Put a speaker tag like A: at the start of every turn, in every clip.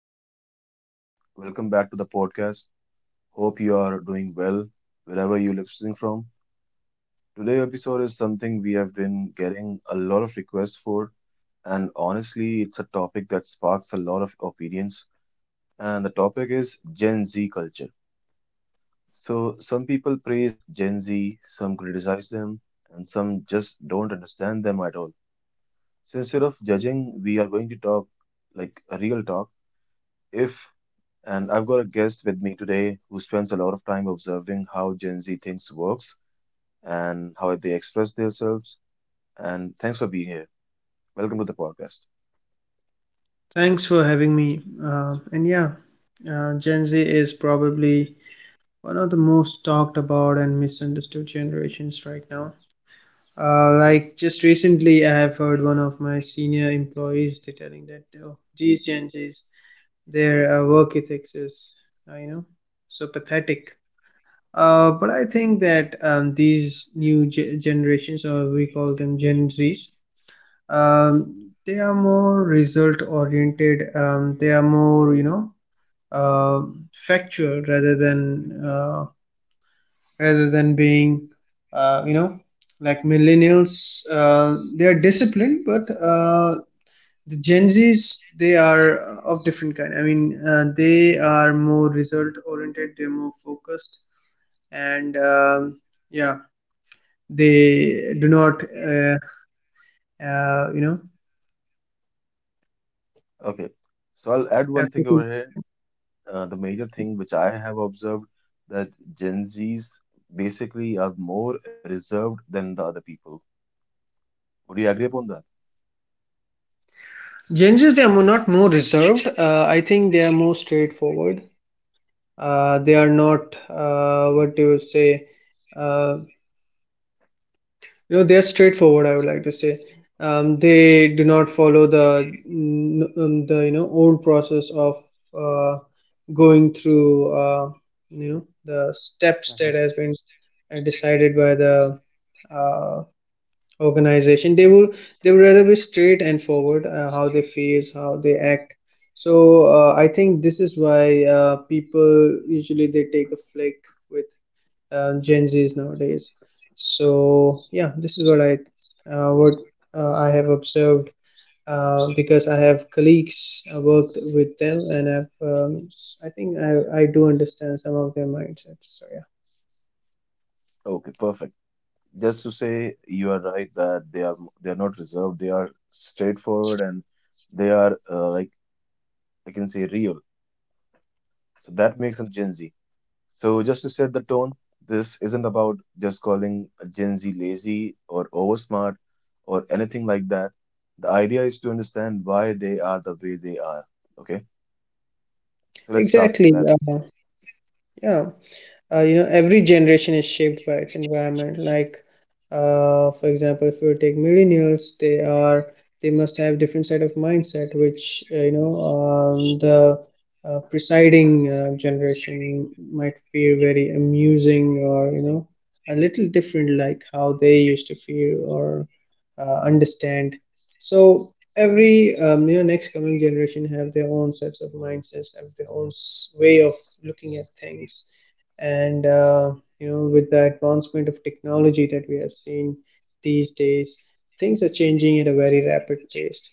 A: So, hey everyone, welcome back to the podcast. Hope you are doing well wherever you're listening from. Today's episode is something we have been getting a lot of requests for, and honestly, it's a topic that sparks a lot of opinions. And the topic is Gen Z culture. So, some people praise Gen Z, some criticize them, and some just don't understand them at all. So, instead of judging, we are going to talk like a real talk. If And I've got a guest with me today who spends a lot of time observing how Gen Z thinks works and how they express themselves. And thanks for being here. Welcome to the podcast.
B: Thanks for having me. And yeah, Gen Z is probably one of the most talked about and misunderstood generations right now. Like just recently, I have heard one of my senior employees telling that, oh, these Gen Zs, their work ethics is, uh, you know, so pathetic. But I think that these new generations, or we call them Gen Zs, um, they are more result oriented. They are more, uh, factual, rather than being, uh, you know like millennials. They are disciplined, but the Gen Zs, they are of different kind. I mean, they are more result oriented, they're more focused. And yeah, they do not uh, you know
A: Okay, so I'll add one
B: have
A: thing
B: to-
A: over here. The major thing which I have observed that Gen Zs basically are more reserved than the other people. Would you agree upon that?
B: Gen Zs, they are more— not more reserved. I think they are more straightforward. They are not, what do you say, uh, they are straightforward, I would like to say. They do not follow the old process of uh, going through, the steps that has been decided by the uh, organization. They would rather be straight and forward, how they feels, how they act. So I think this is why people usually they take a flick with Gen Zs nowadays. So yeah, this is what uh, what I have observed, because I have colleagues worked with them. And I think I do understand some of their mindsets. So yeah,
A: Okay, perfect. Just to say, you are right that they are not reserved. They are straightforward and they are like, I can say, real. So that makes them Gen Z. So just to set the tone, this isn't about just calling a Gen Z lazy or oversmart or anything like that. The idea is to understand why they are the way they are. Okay, so let's start with
B: exactly.
A: that.
B: Uh, yeah. Every generation is shaped by its environment. Like for example, if you take millennials, they are... they must have different set of mindset, which the presiding generation might feel very amusing, or a little different, like how they used to feel or understand. So every next coming generation have their own sets of mindsets, have their own way of looking at things. And with the advancement of technology that we have seen these days, things are changing at a very rapid pace.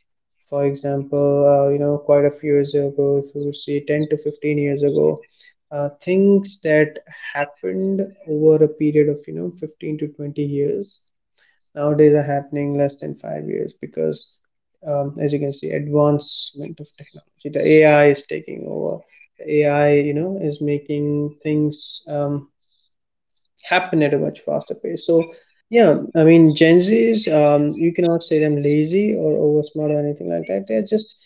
B: For example, quite a few years ago, if you see 10 to 15 years ago, things that happened over a period of 15 to 20 years nowadays are happening less than 5 years, because as you can see, advancement of technology, the ai is taking over. The ai is making things happen at a much faster pace. So yeah, I mean Gen Zs, you cannot say them lazy or over smart or anything like that. They're just...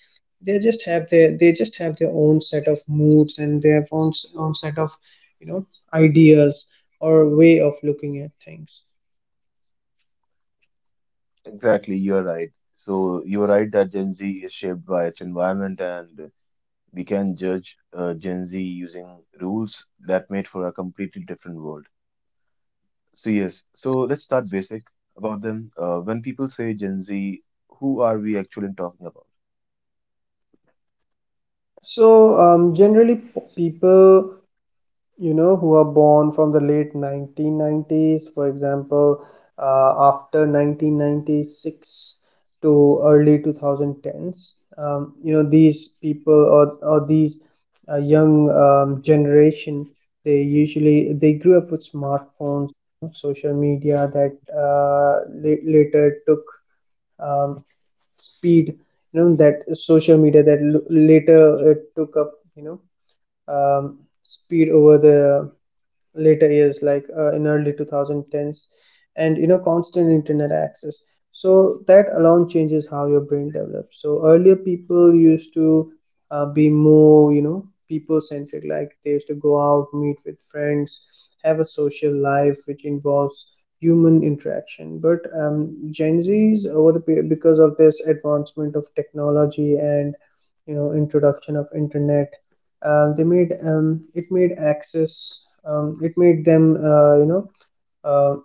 B: they just have their own set of moods, and their own set of you know ideas, or way of looking at things.
A: Exactly, you are right. So you are right that Gen Z is shaped by its environment, and we can judge Gen Z using rules that made for a completely different world. So yes, so let's start basic about them. When people say Gen Z, who are we actually talking about?
B: So, generally, people who are born from the late 1990s, for example, after 1996 to early 2010s, these people, or these young generation, they usually they grew up with smartphones, social media that later took um, speed. That social media that later it took up, um, speed over the later years, like in early 2010s, and constant internet access. So that alone changes how your brain develops. So earlier, people used to be more, people centric, like they used to go out, meet with friends, have a social life which involves human interaction. But Gen Zs, over the because of this advancement of technology and introduction of internet, they made it made access it made them, uh,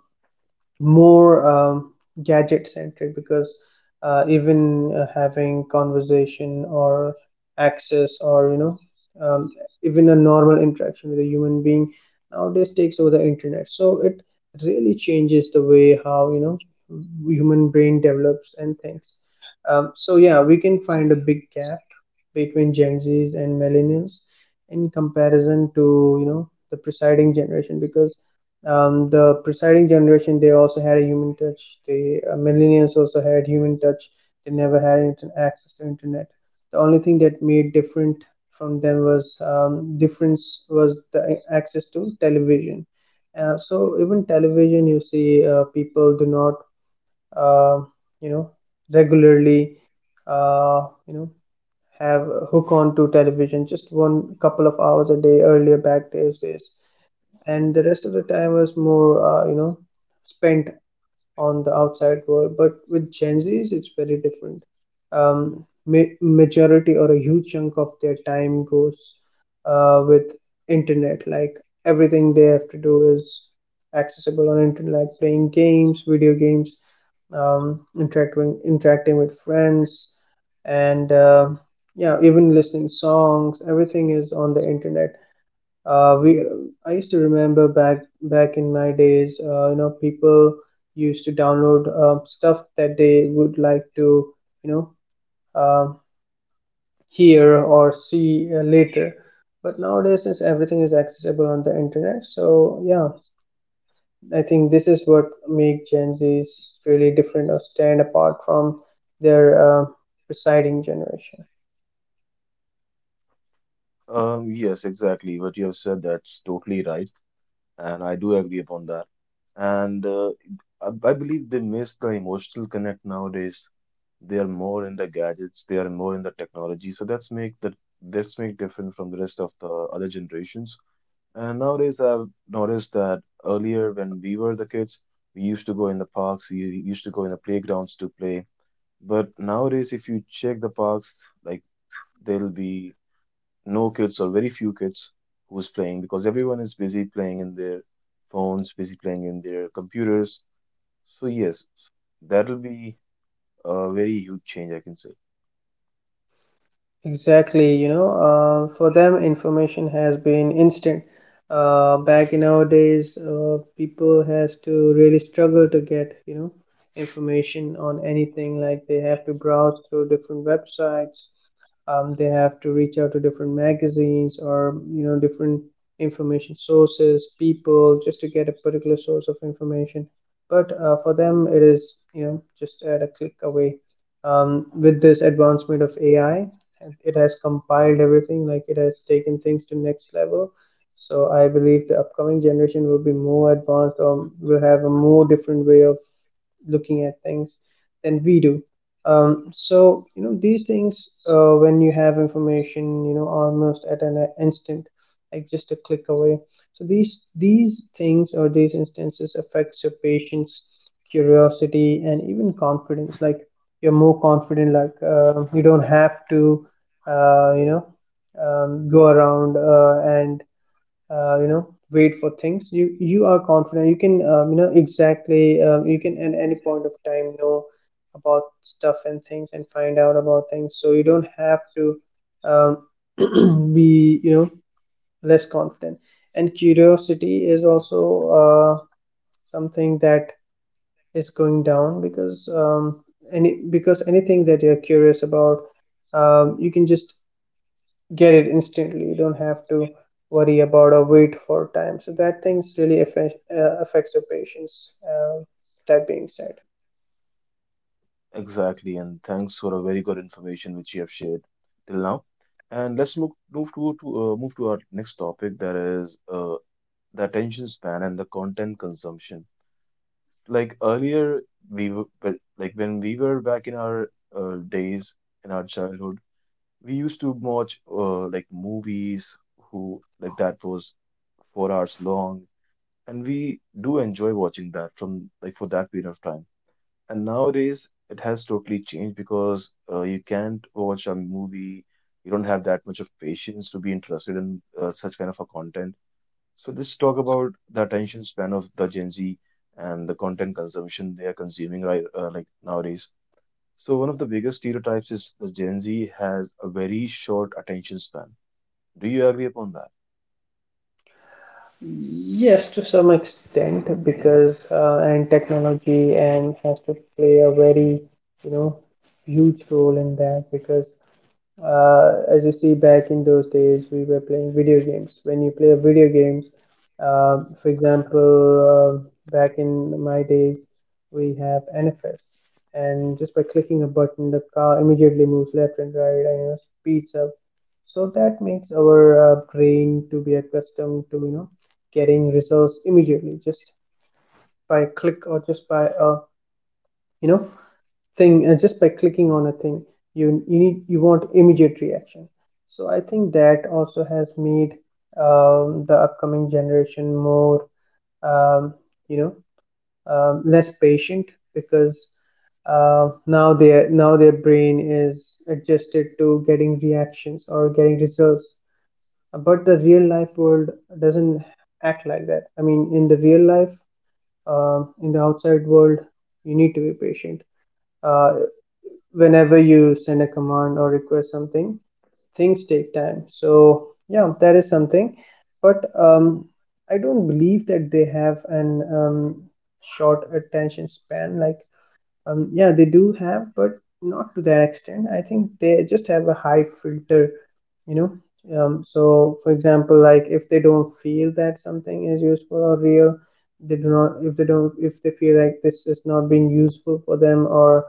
B: more, gadget centric, because even having conversation, or access, or um, even a normal interaction with a human being nowadays, takes over the internet. So it really changes the way how human brain develops and thinks. So yeah, we can find a big gap between Gen Zs and millennials, in comparison to the preceding generation, because the preceding generation, they also had a human touch. The millennials also had human touch. They never had access to internet. The only thing that made different from them was... difference was the access to television. So even television, you see, people do not uh, you know regularly uh, you know have hook on to television, just one, couple of hours a day, earlier back those days. And the rest of the time was more spent on the outside world. But with Gen Zs, it's very different. Majority, or a huge chunk of their time goes with internet. Like everything they have to do is accessible on internet, like playing games, video games, interacting with friends, and yeah, even listening songs, everything is on the internet. We I used to remember back in my days, people used to download stuff that they would like to, you know, um hear or see, later. But nowadays, since everything is accessible on the internet, so yeah, I think this is what make Gen Zs really different or stand apart from their preceding generation.
A: Yes, exactly. What you have said, that's totally right, and I do agree upon that. And I believe they miss the emotional connect nowadays. They are more in the gadgets, they are more in the technology. So that's make different from the rest of the other generations. And nowadays, I've noticed that earlier when we were the kids, we used to go in the parks, we used to go in the playgrounds to play. But nowadays, if you check the parks, like, there'll be no kids or very few kids who's playing because everyone is busy playing in their phones, busy playing in their computers. So yes, that'll be a very huge change, I can say.
B: Exactly, for them, information has been instant. Back in our days, people has to really struggle to get, information on anything. Like they have to browse through different websites, they have to reach out to different magazines, or different information sources, people, just to get a particular source of information. But for them, it is, just at a click away. With this advancement of AI, it has compiled everything. Like it has taken things to next level. So I believe the upcoming generation will be more advanced, or will have a more different way of looking at things than we do. So these things, when you have information, almost at an instant, like just a click away, so these things, or these instances, affects your patients, curiosity, and even confidence. Like you're more confident, like you don't have to uh, you know go around, and wait for things. You are confident, you can exactly... you can at any point of time know about stuff and things and find out about things. So you don't have to um, be, less confident. And curiosity is also uh, something that is going down, because anything that you're curious about, you can just get it instantly, you don't have to worry about or wait for time. So that things really affects your patients, that being said.
A: Exactly, and thanks for a very good information which you have shared till now. And let's move to our next topic, that is the attention span and the content consumption. Like earlier, like when we were back in our days in our childhood, we used to watch like movies who like that was 4 hours long, and we do enjoy watching that from like for that period of time. And nowadays, it has totally changed because you can't watch a movie. You don't have that much of patience to be interested in such kind of a content. So let's talk about the attention span of the Gen Z and the content consumption they are consuming right like nowadays. So one of the biggest stereotypes is the Gen Z has a very short attention span. Do you agree upon that?
B: Yes, to some extent, because and technology and has to play a very, you know huge role in that, because as you see, back in those days, we were playing video games. When you play video games, for example, back in my days, we have NFS, and just by clicking a button, the car immediately moves left and right, and, speeds up. So that makes our brain to be accustomed to, getting results immediately, just by click, or just by a you know thing, just by clicking on a thing. You want immediate reaction. So I think that also has made the upcoming generation more, um, you know less patient, because now their brain is adjusted to getting reactions or getting results. But the real life world doesn't act like that. I mean, in the outside world, you need to be patient. uh, Whenever you send a command or request something, things take time. So yeah, that is something. But I don't believe that they have an um, short attention span. Like yeah, they do have, but not to that extent. I think they just have a high filter. You know um, so for example, like if they don't feel that something is useful or real, they don't, if they feel like this is not being useful for them, or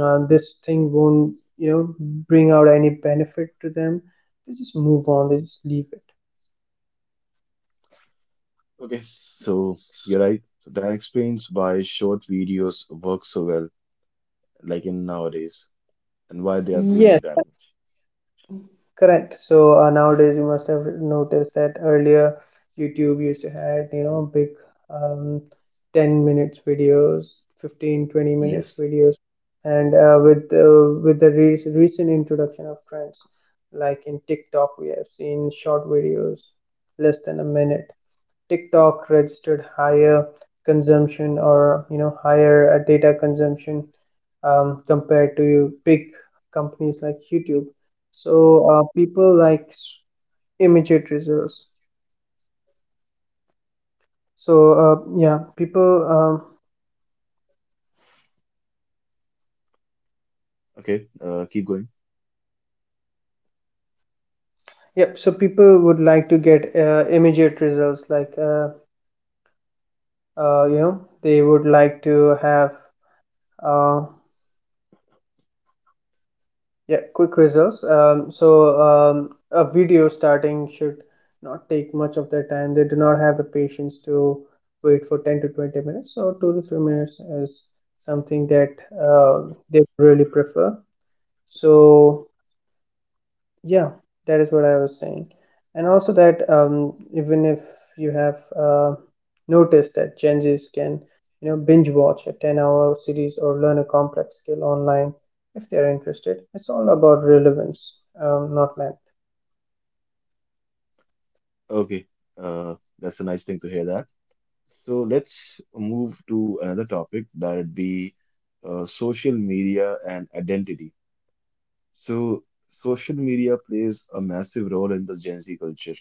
B: this thing won't, bring out any benefit to them, they just move on, they just leave it.
A: Okay. So you're right. So that explains why short videos work so well, like in nowadays, and why they are
B: Yes.
A: booming that
B: Correct. So nowadays you must have noticed that earlier YouTube used to had, big um, 10 minutes videos, 15-20 minutes
A: Yes.
B: videos. And with the re recent introduction of trends, like in TikTok, we have seen short videos less than a minute. TikTok registered higher consumption or, you know, higher data consumption, compared to big companies like YouTube. So people like immediate results. So uh, yeah, people um,
A: Okay. Keep going.
B: yeah, so people would like to get immediate results like you know, they would like to have uh, Yeah, quick results. A video starting should not take much of their time. They do not have the patience to wait for 10 to 20 minutes. So 2 to 3 minutes is something that uh, they really prefer. So yeah, that is what I was saying. And also that, even if you have noticed that Gen Zs can, you know, binge watch a 10-hour series or learn a complex skill online if they are interested. It's all about relevance, not length.
A: Okay. That's a nice thing to hear that. So let's move to another topic, that'd be social media and identity. So social media plays a massive role in the Gen Z culture.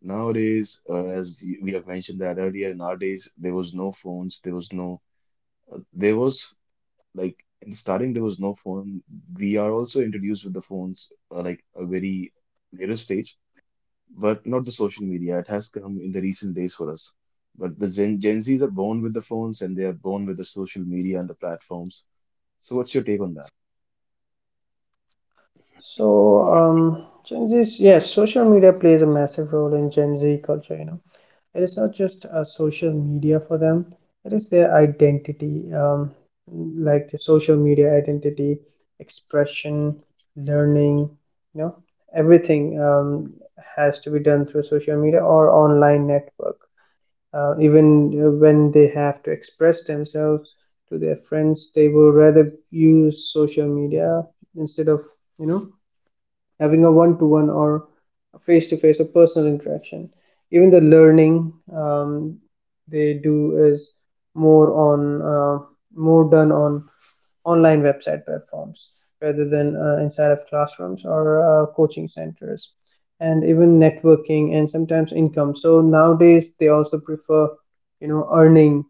A: Nowadays, we have mentioned that earlier, nowadays there was no phones, there was no, there was like in starting there was no phone. We are also introduced with the phones like a very later stage, but not the social media. It has come in the recent days for us. But the Gen Zs are born with the phones and they are born with the social media and the platforms. So, what's your take on that?
B: So um, Gen Zs, yes, social media plays a massive role in Gen Z culture. You know, it is not just a social media for them, it is their identity, like the social media identity, expression, learning, you know, everything, has to be done through social media or online network. Even when they have to express themselves to their friends, they will rather use social media instead of, you know, having a one to one or face to face or personal interaction. Even the learning they do is more on uh, more done on online website platforms rather than inside of classrooms or coaching centers, and even networking and sometimes income. So nowadays they also prefer, you know, earning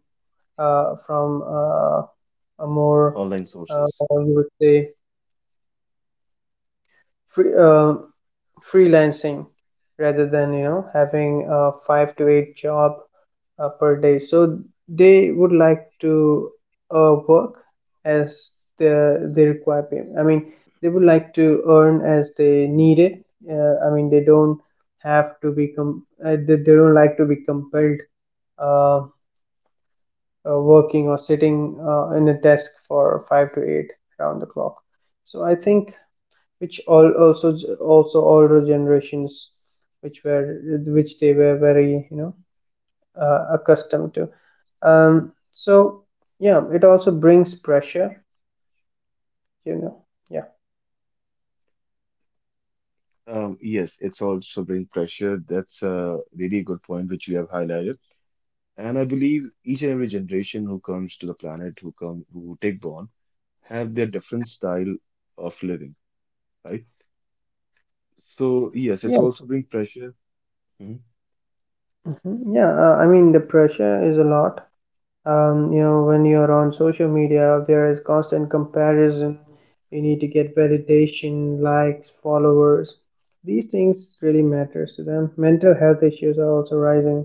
B: from a more
A: Online sources.
B: or you would say free, freelancing rather than, you know, having a five to eight job per day. So they would like to work as they require payment. I mean, they would like to earn as they need it. I mean, they don't have to be they don't like to be compelled uh, working or sitting in a desk for five to eight around the clock. So I think which all also also older generations which were which they were very, you know, accustomed to. So yeah, it also brings pressure, you know. Yeah
A: Yes, it's also bring pressure. That's a really good point which you have highlighted. And I believe each and every generation who comes to the planet, who take born, have their different style of living, right? So yes,
B: yeah.
A: it's also bring pressure. Mhm.
B: Mhm. Yeah, I mean the pressure is a lot. You know, when you're on social media there is constant comparison. You need to get validation, likes, followers. These things really matters to them. Mental health issues are also rising,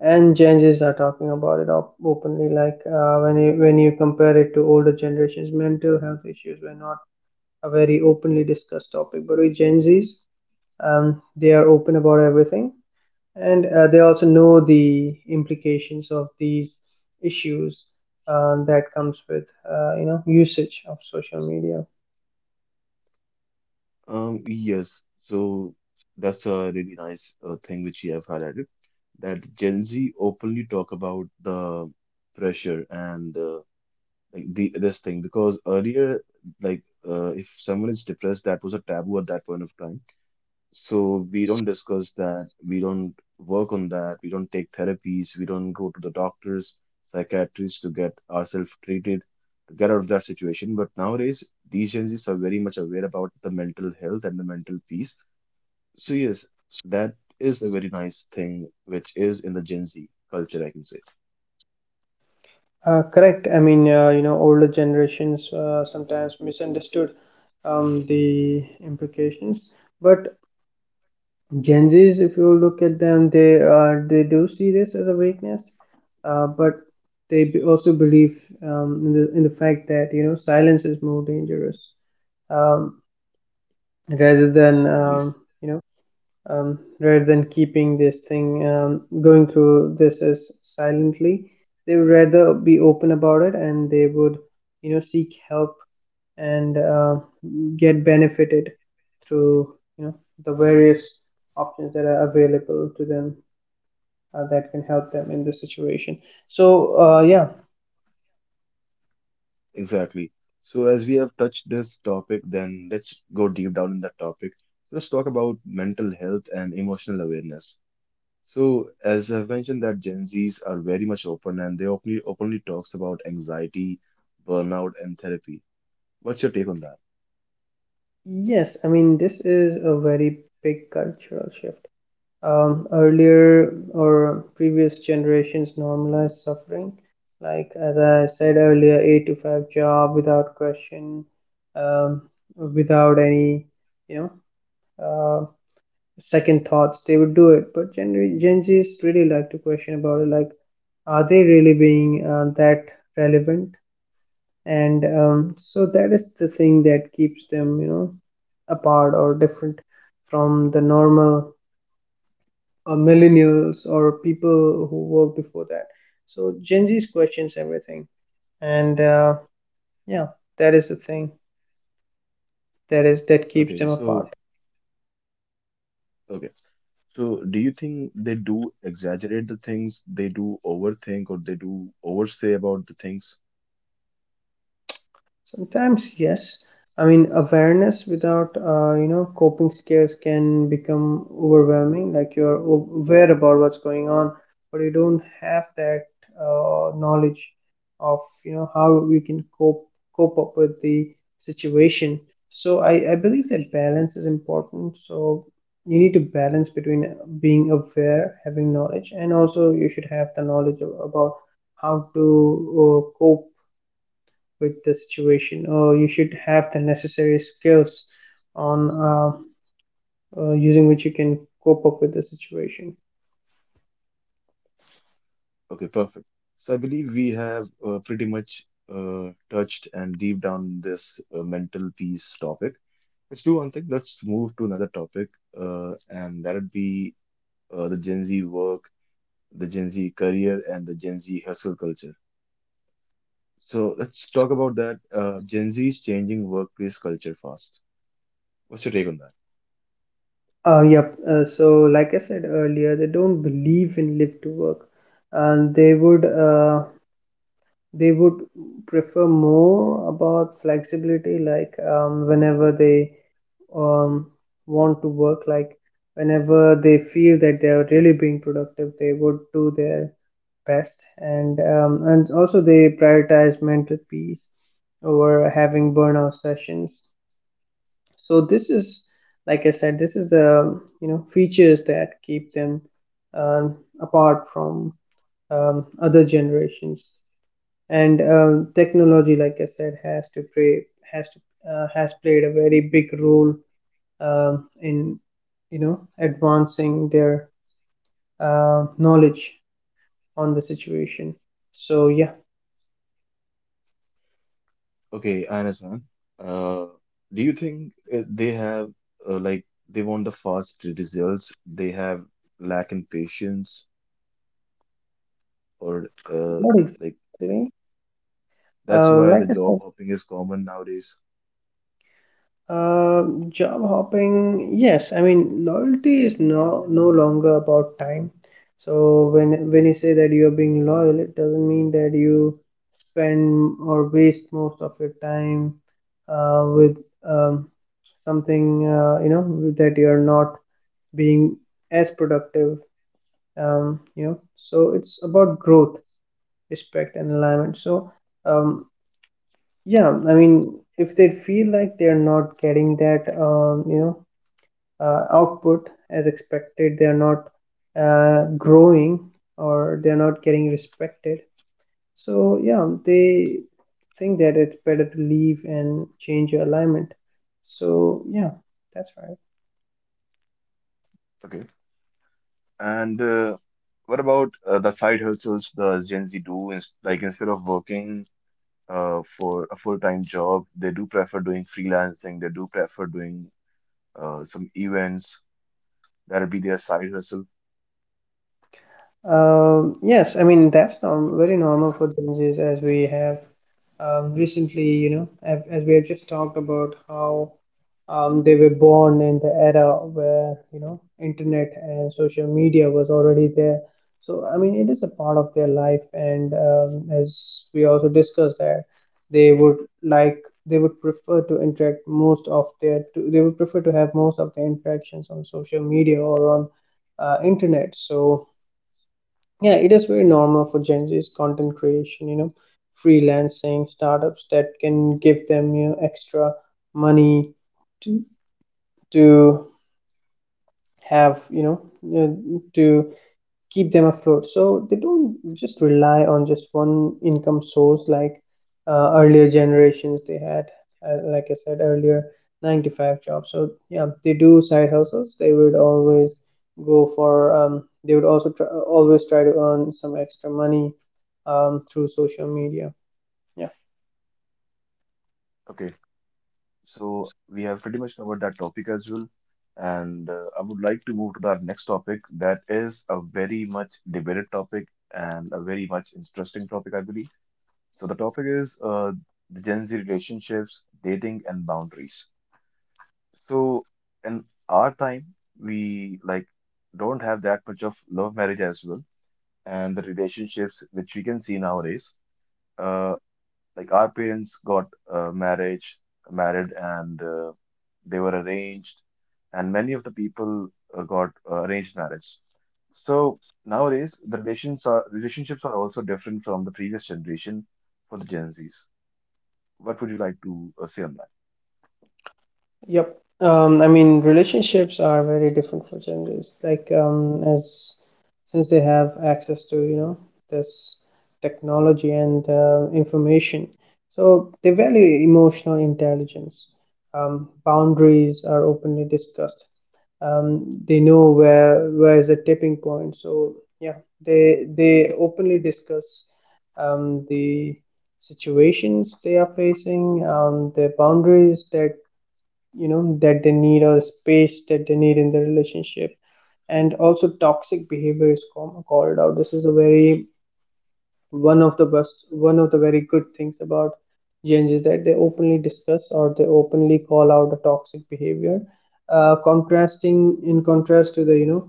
B: and Gen Zs are talking about it openly. Like when you compare it to older generations, mental health issues were not a very openly discussed topic. But with Gen Zs, they are open about everything, and they also know the implications of these issues that comes with, you know, usage of social media.
A: Yes, so that's a really nice thing which you have highlighted, that Gen Z openly talk about the pressure and like the this thing, because earlier, like, if someone is depressed, that was a taboo at that point of time. So we don't discuss that, we don't work on that, we don't take therapies, we don't go to the doctors, psychiatrists to get ourselves treated, to get out of that situation. But nowadays, these Gen Zs are very much aware about the mental health and the mental peace. So yes, that is a very nice thing which is in the Gen Z culture, I can say.
B: Correct. I mean, you know, older generations sometimes misunderstood the implications, but Gen Zs, if you look at them, they do see this as a weakness, but they also believe in the fact that, you know, silence is more dangerous um, rather than
A: Yes,
B: you know, rather than keeping this thing going through this as silently. They would rather be open about it, and they would, you know, seek help and get benefited through, you know, the various options that are available to them that can help them in this situation. So, yeah.
A: exactly. So as we have touched this topic, then let's go deep down in that topic. Let's talk about mental health and emotional awareness. So, as I've mentioned, that Gen Zs are very much open and they openly talks about anxiety, burnout, and therapy. What's your take on that?
B: Yes, I mean, this is a very big cultural shift. Earlier or previous generations normalized suffering, like as I said earlier, 8 to 5 job, without question, um, without any, you know, uh, second thoughts they would do it. But Gen Z's really like to question about it, like, are they really being that relevant? And so that is the thing that keeps them, you know, apart or different from the normal millennials or people who work before that. So Gen Z's questions everything, and yeah, that is the thing that keeps
A: Okay,
B: them
A: so
B: apart.
A: okay, so do you think they do exaggerate the things, they do overthink, or they do oversay about the things?
B: Sometimes, yes. I mean, awareness without, you know, coping skills can become overwhelming. Like, you're aware about what's going on, but you don't have that knowledge of, you know, how we can cope up with the situation. So I believe that balance is important. So you need to balance between being aware, having knowledge, and also you should have the knowledge about how to cope with the situation, or you should have the necessary skills on uh, using which you can cope up with the situation.
A: Okay, perfect. So I believe we have pretty much touched and deep down this mental peace topic. Let's do one thing. Let's move to another topic, and that'd be uh, the Gen Z work the Gen Z career and the Gen Z hustle culture. So let's talk about that. Gen Z is changing workplace culture fast. What's your take on that?
B: Yep, so like I said earlier, they don't believe in live to work, and they would they would prefer more about flexibility. Like, whenever they um, want to work, like whenever they feel that they are really being productive, they would do their best. And and also they prioritize mental peace over having burnout sessions. So this is, like I said, this is the, you know, features that keep them um, apart from other generations. And technology, like I said, has to play, has to has played a very big role in, you know, advancing their knowledge on the situation. So yeah.
A: Okay, I understand. uh, do you think they have like they want the fast results? They have lack in patience, or
B: Not
A: like
B: exactly.
A: that's why
B: Like
A: the
B: I said,
A: job hopping is common nowadays.
B: uh, job hopping, yes, I mean loyalty is no longer about time. So when you say that you are being loyal, it doesn't mean that you spend or waste most of your time with um, something, you know, that you are not being as productive. You know, so it's about growth, respect, and alignment. So um, yeah, I mean, if they feel like they're not getting that, you know, output as expected, they're not growing, or they're not getting respected, so yeah, they think that it's better to leave and change your alignment. So yeah, that's right.
A: Okay, and what about the side hustles the Gen Z do? Ins Like instead of working for a full-time job. They do prefer doing freelancing. They do prefer doing some events. That'll be their side hustle.
B: Yes, I mean that's norm very normal for Gen Zs. As we have recently, you know, as we have just talked about how they were born in the era where, you know, internet and social media was already there. So, I mean, it is a part of their life, and as we also discussed that they would they would prefer to interact most of their to, they would prefer to have most of their interactions on social media or on internet. So yeah, it is very normal for Gen Z's content creation, you know, freelancing, startups that can give them, you know, extra money to to have, you know, to keep them afloat. So they don't just rely on just one income source like earlier generations they had. Like I said earlier, 9 to 5 jobs. So yeah, they do side hustles. They would always go for. They would also always try to earn some extra money through social media. Yeah.
A: Okay, so we have pretty much covered that topic as well. And I would like to move to the next topic. That is a very much debated topic and a very much interesting topic, I believe. So the topic is the Gen Z relationships, dating, and boundaries. So in our time, we like don't have that much of love marriage as well and the relationships which we can see nowadays. Uh, like our parents got married, and they were arranged, and many of the people got arranged marriage. So nowadays, the relations are relationships are also different from the previous generation for the Gen Zs. What would you like to say on that?
B: Yep. I mean, relationships are very different for genders. Like, as since they have access to, you know, this technology and information, so they value emotional intelligence. Boundaries are openly discussed. They know where is the tipping point. So yeah, they openly discuss the situations they are facing, their boundaries that, you know, that they need, or space that they need in the relationship. And also toxic behavior is called out. This is a very, one of the best, one of the very good things about Gens, is that they openly discuss, or they openly call out a toxic behavior, contrasting in contrast to the, you know,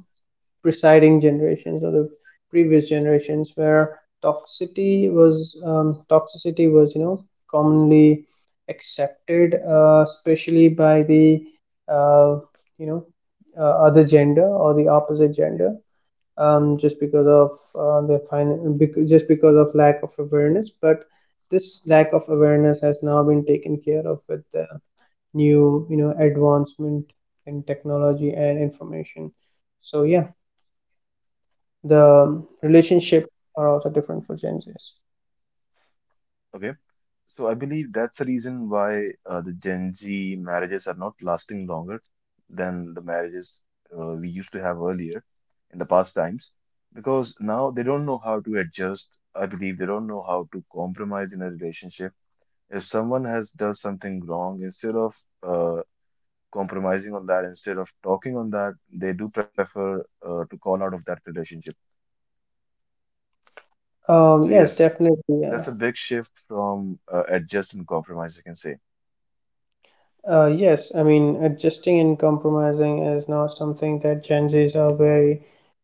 B: preceding generations or the previous generations, where toxicity was, you know, commonly accepted, especially by the uh, you know, other gender or the opposite gender, just because of just because of lack of awareness. But this lack of awareness has now been taken care of with the new, you know, advancement in technology and information. So yeah, the relationship are also different for Gen Zs.
A: Okay. So I believe that's the reason why the Gen Z marriages are not lasting longer than the marriages we used to have earlier in the past times, because now they don't know how to adjust. I believe they don't know how to compromise in a relationship. If someone has does something wrong, instead of uh, compromising on that, instead of talking on that, they do prefer to call out of that relationship. So
B: Yes,
A: yes,
B: definitely.
A: that's a big shift from adjust and compromise, I can say.
B: Yes, I mean, adjusting and compromising is not something that Gen Zs are very,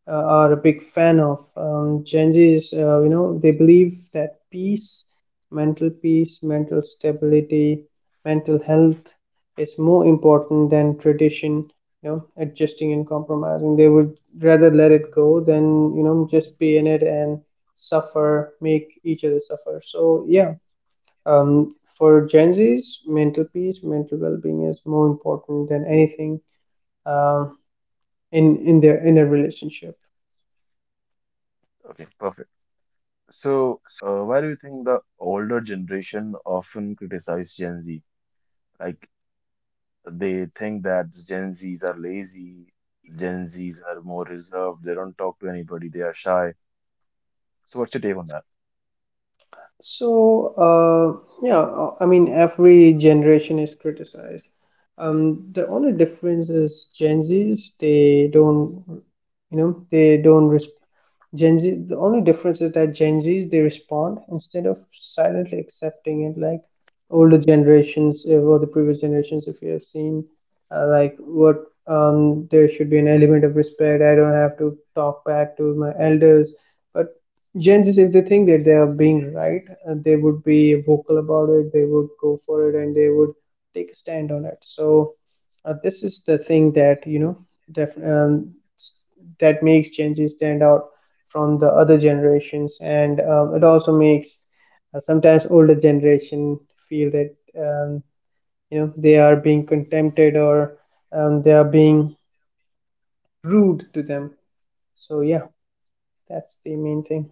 B: are a big fan of. Gen Zs, you know, they believe that peace, mental stability, mental health is more important than tradition. You know, adjusting and compromising, they would rather let it go than, you know, just be in it and suffer, make each other suffer. So yeah, for Gen Z's, mental peace, mental well-being is more important than anything uh, in their inner relationship.
A: Okay, perfect. So, why do you think the older generation often criticize Gen Z? Like they think that Gen Zs are lazy, Gen Zs are more reserved, they don't talk to anybody, they are shy. So, what's your take on that?
B: So yeah, I mean every generation is criticized. The only difference is Gen Z's they don't, you know, they don't respond. Gen Z, the only difference is that Gen Zs they respond instead of silently accepting it, like older generations or the previous generations. If you have seen, like what there should be an element of respect. I don't have to talk back to my elders. But Gen Zs, if they think that they are being right, they would be vocal about it. They would go for it, and they would take a stand on it. So this is the thing that, you know, def- um, that makes Gen Z stand out from the other generations. And it also makes sometimes older generation feel that um, you know, they are being contempted or they are being rude to them. So yeah, that's the main thing.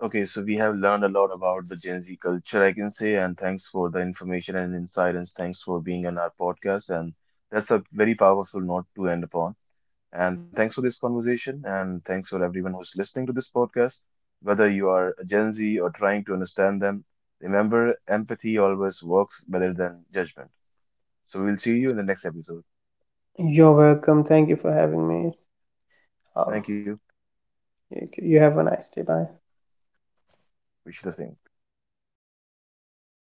A: Okay, so we have learned a lot about the Gen Z culture, I can say, and thanks for the information and insight, and thanks for being on our podcast. And that's a very powerful note to end upon. And thanks for this conversation. And thanks for everyone who's listening to this podcast. Whether you are a Gen Z or trying to understand them, remember empathy always works better than judgment. So we'll see you in the next episode.
B: You're welcome, thank you for having me. um,
A: Thank you.
B: you, you have a nice day. Bye.
A: Wish you the same.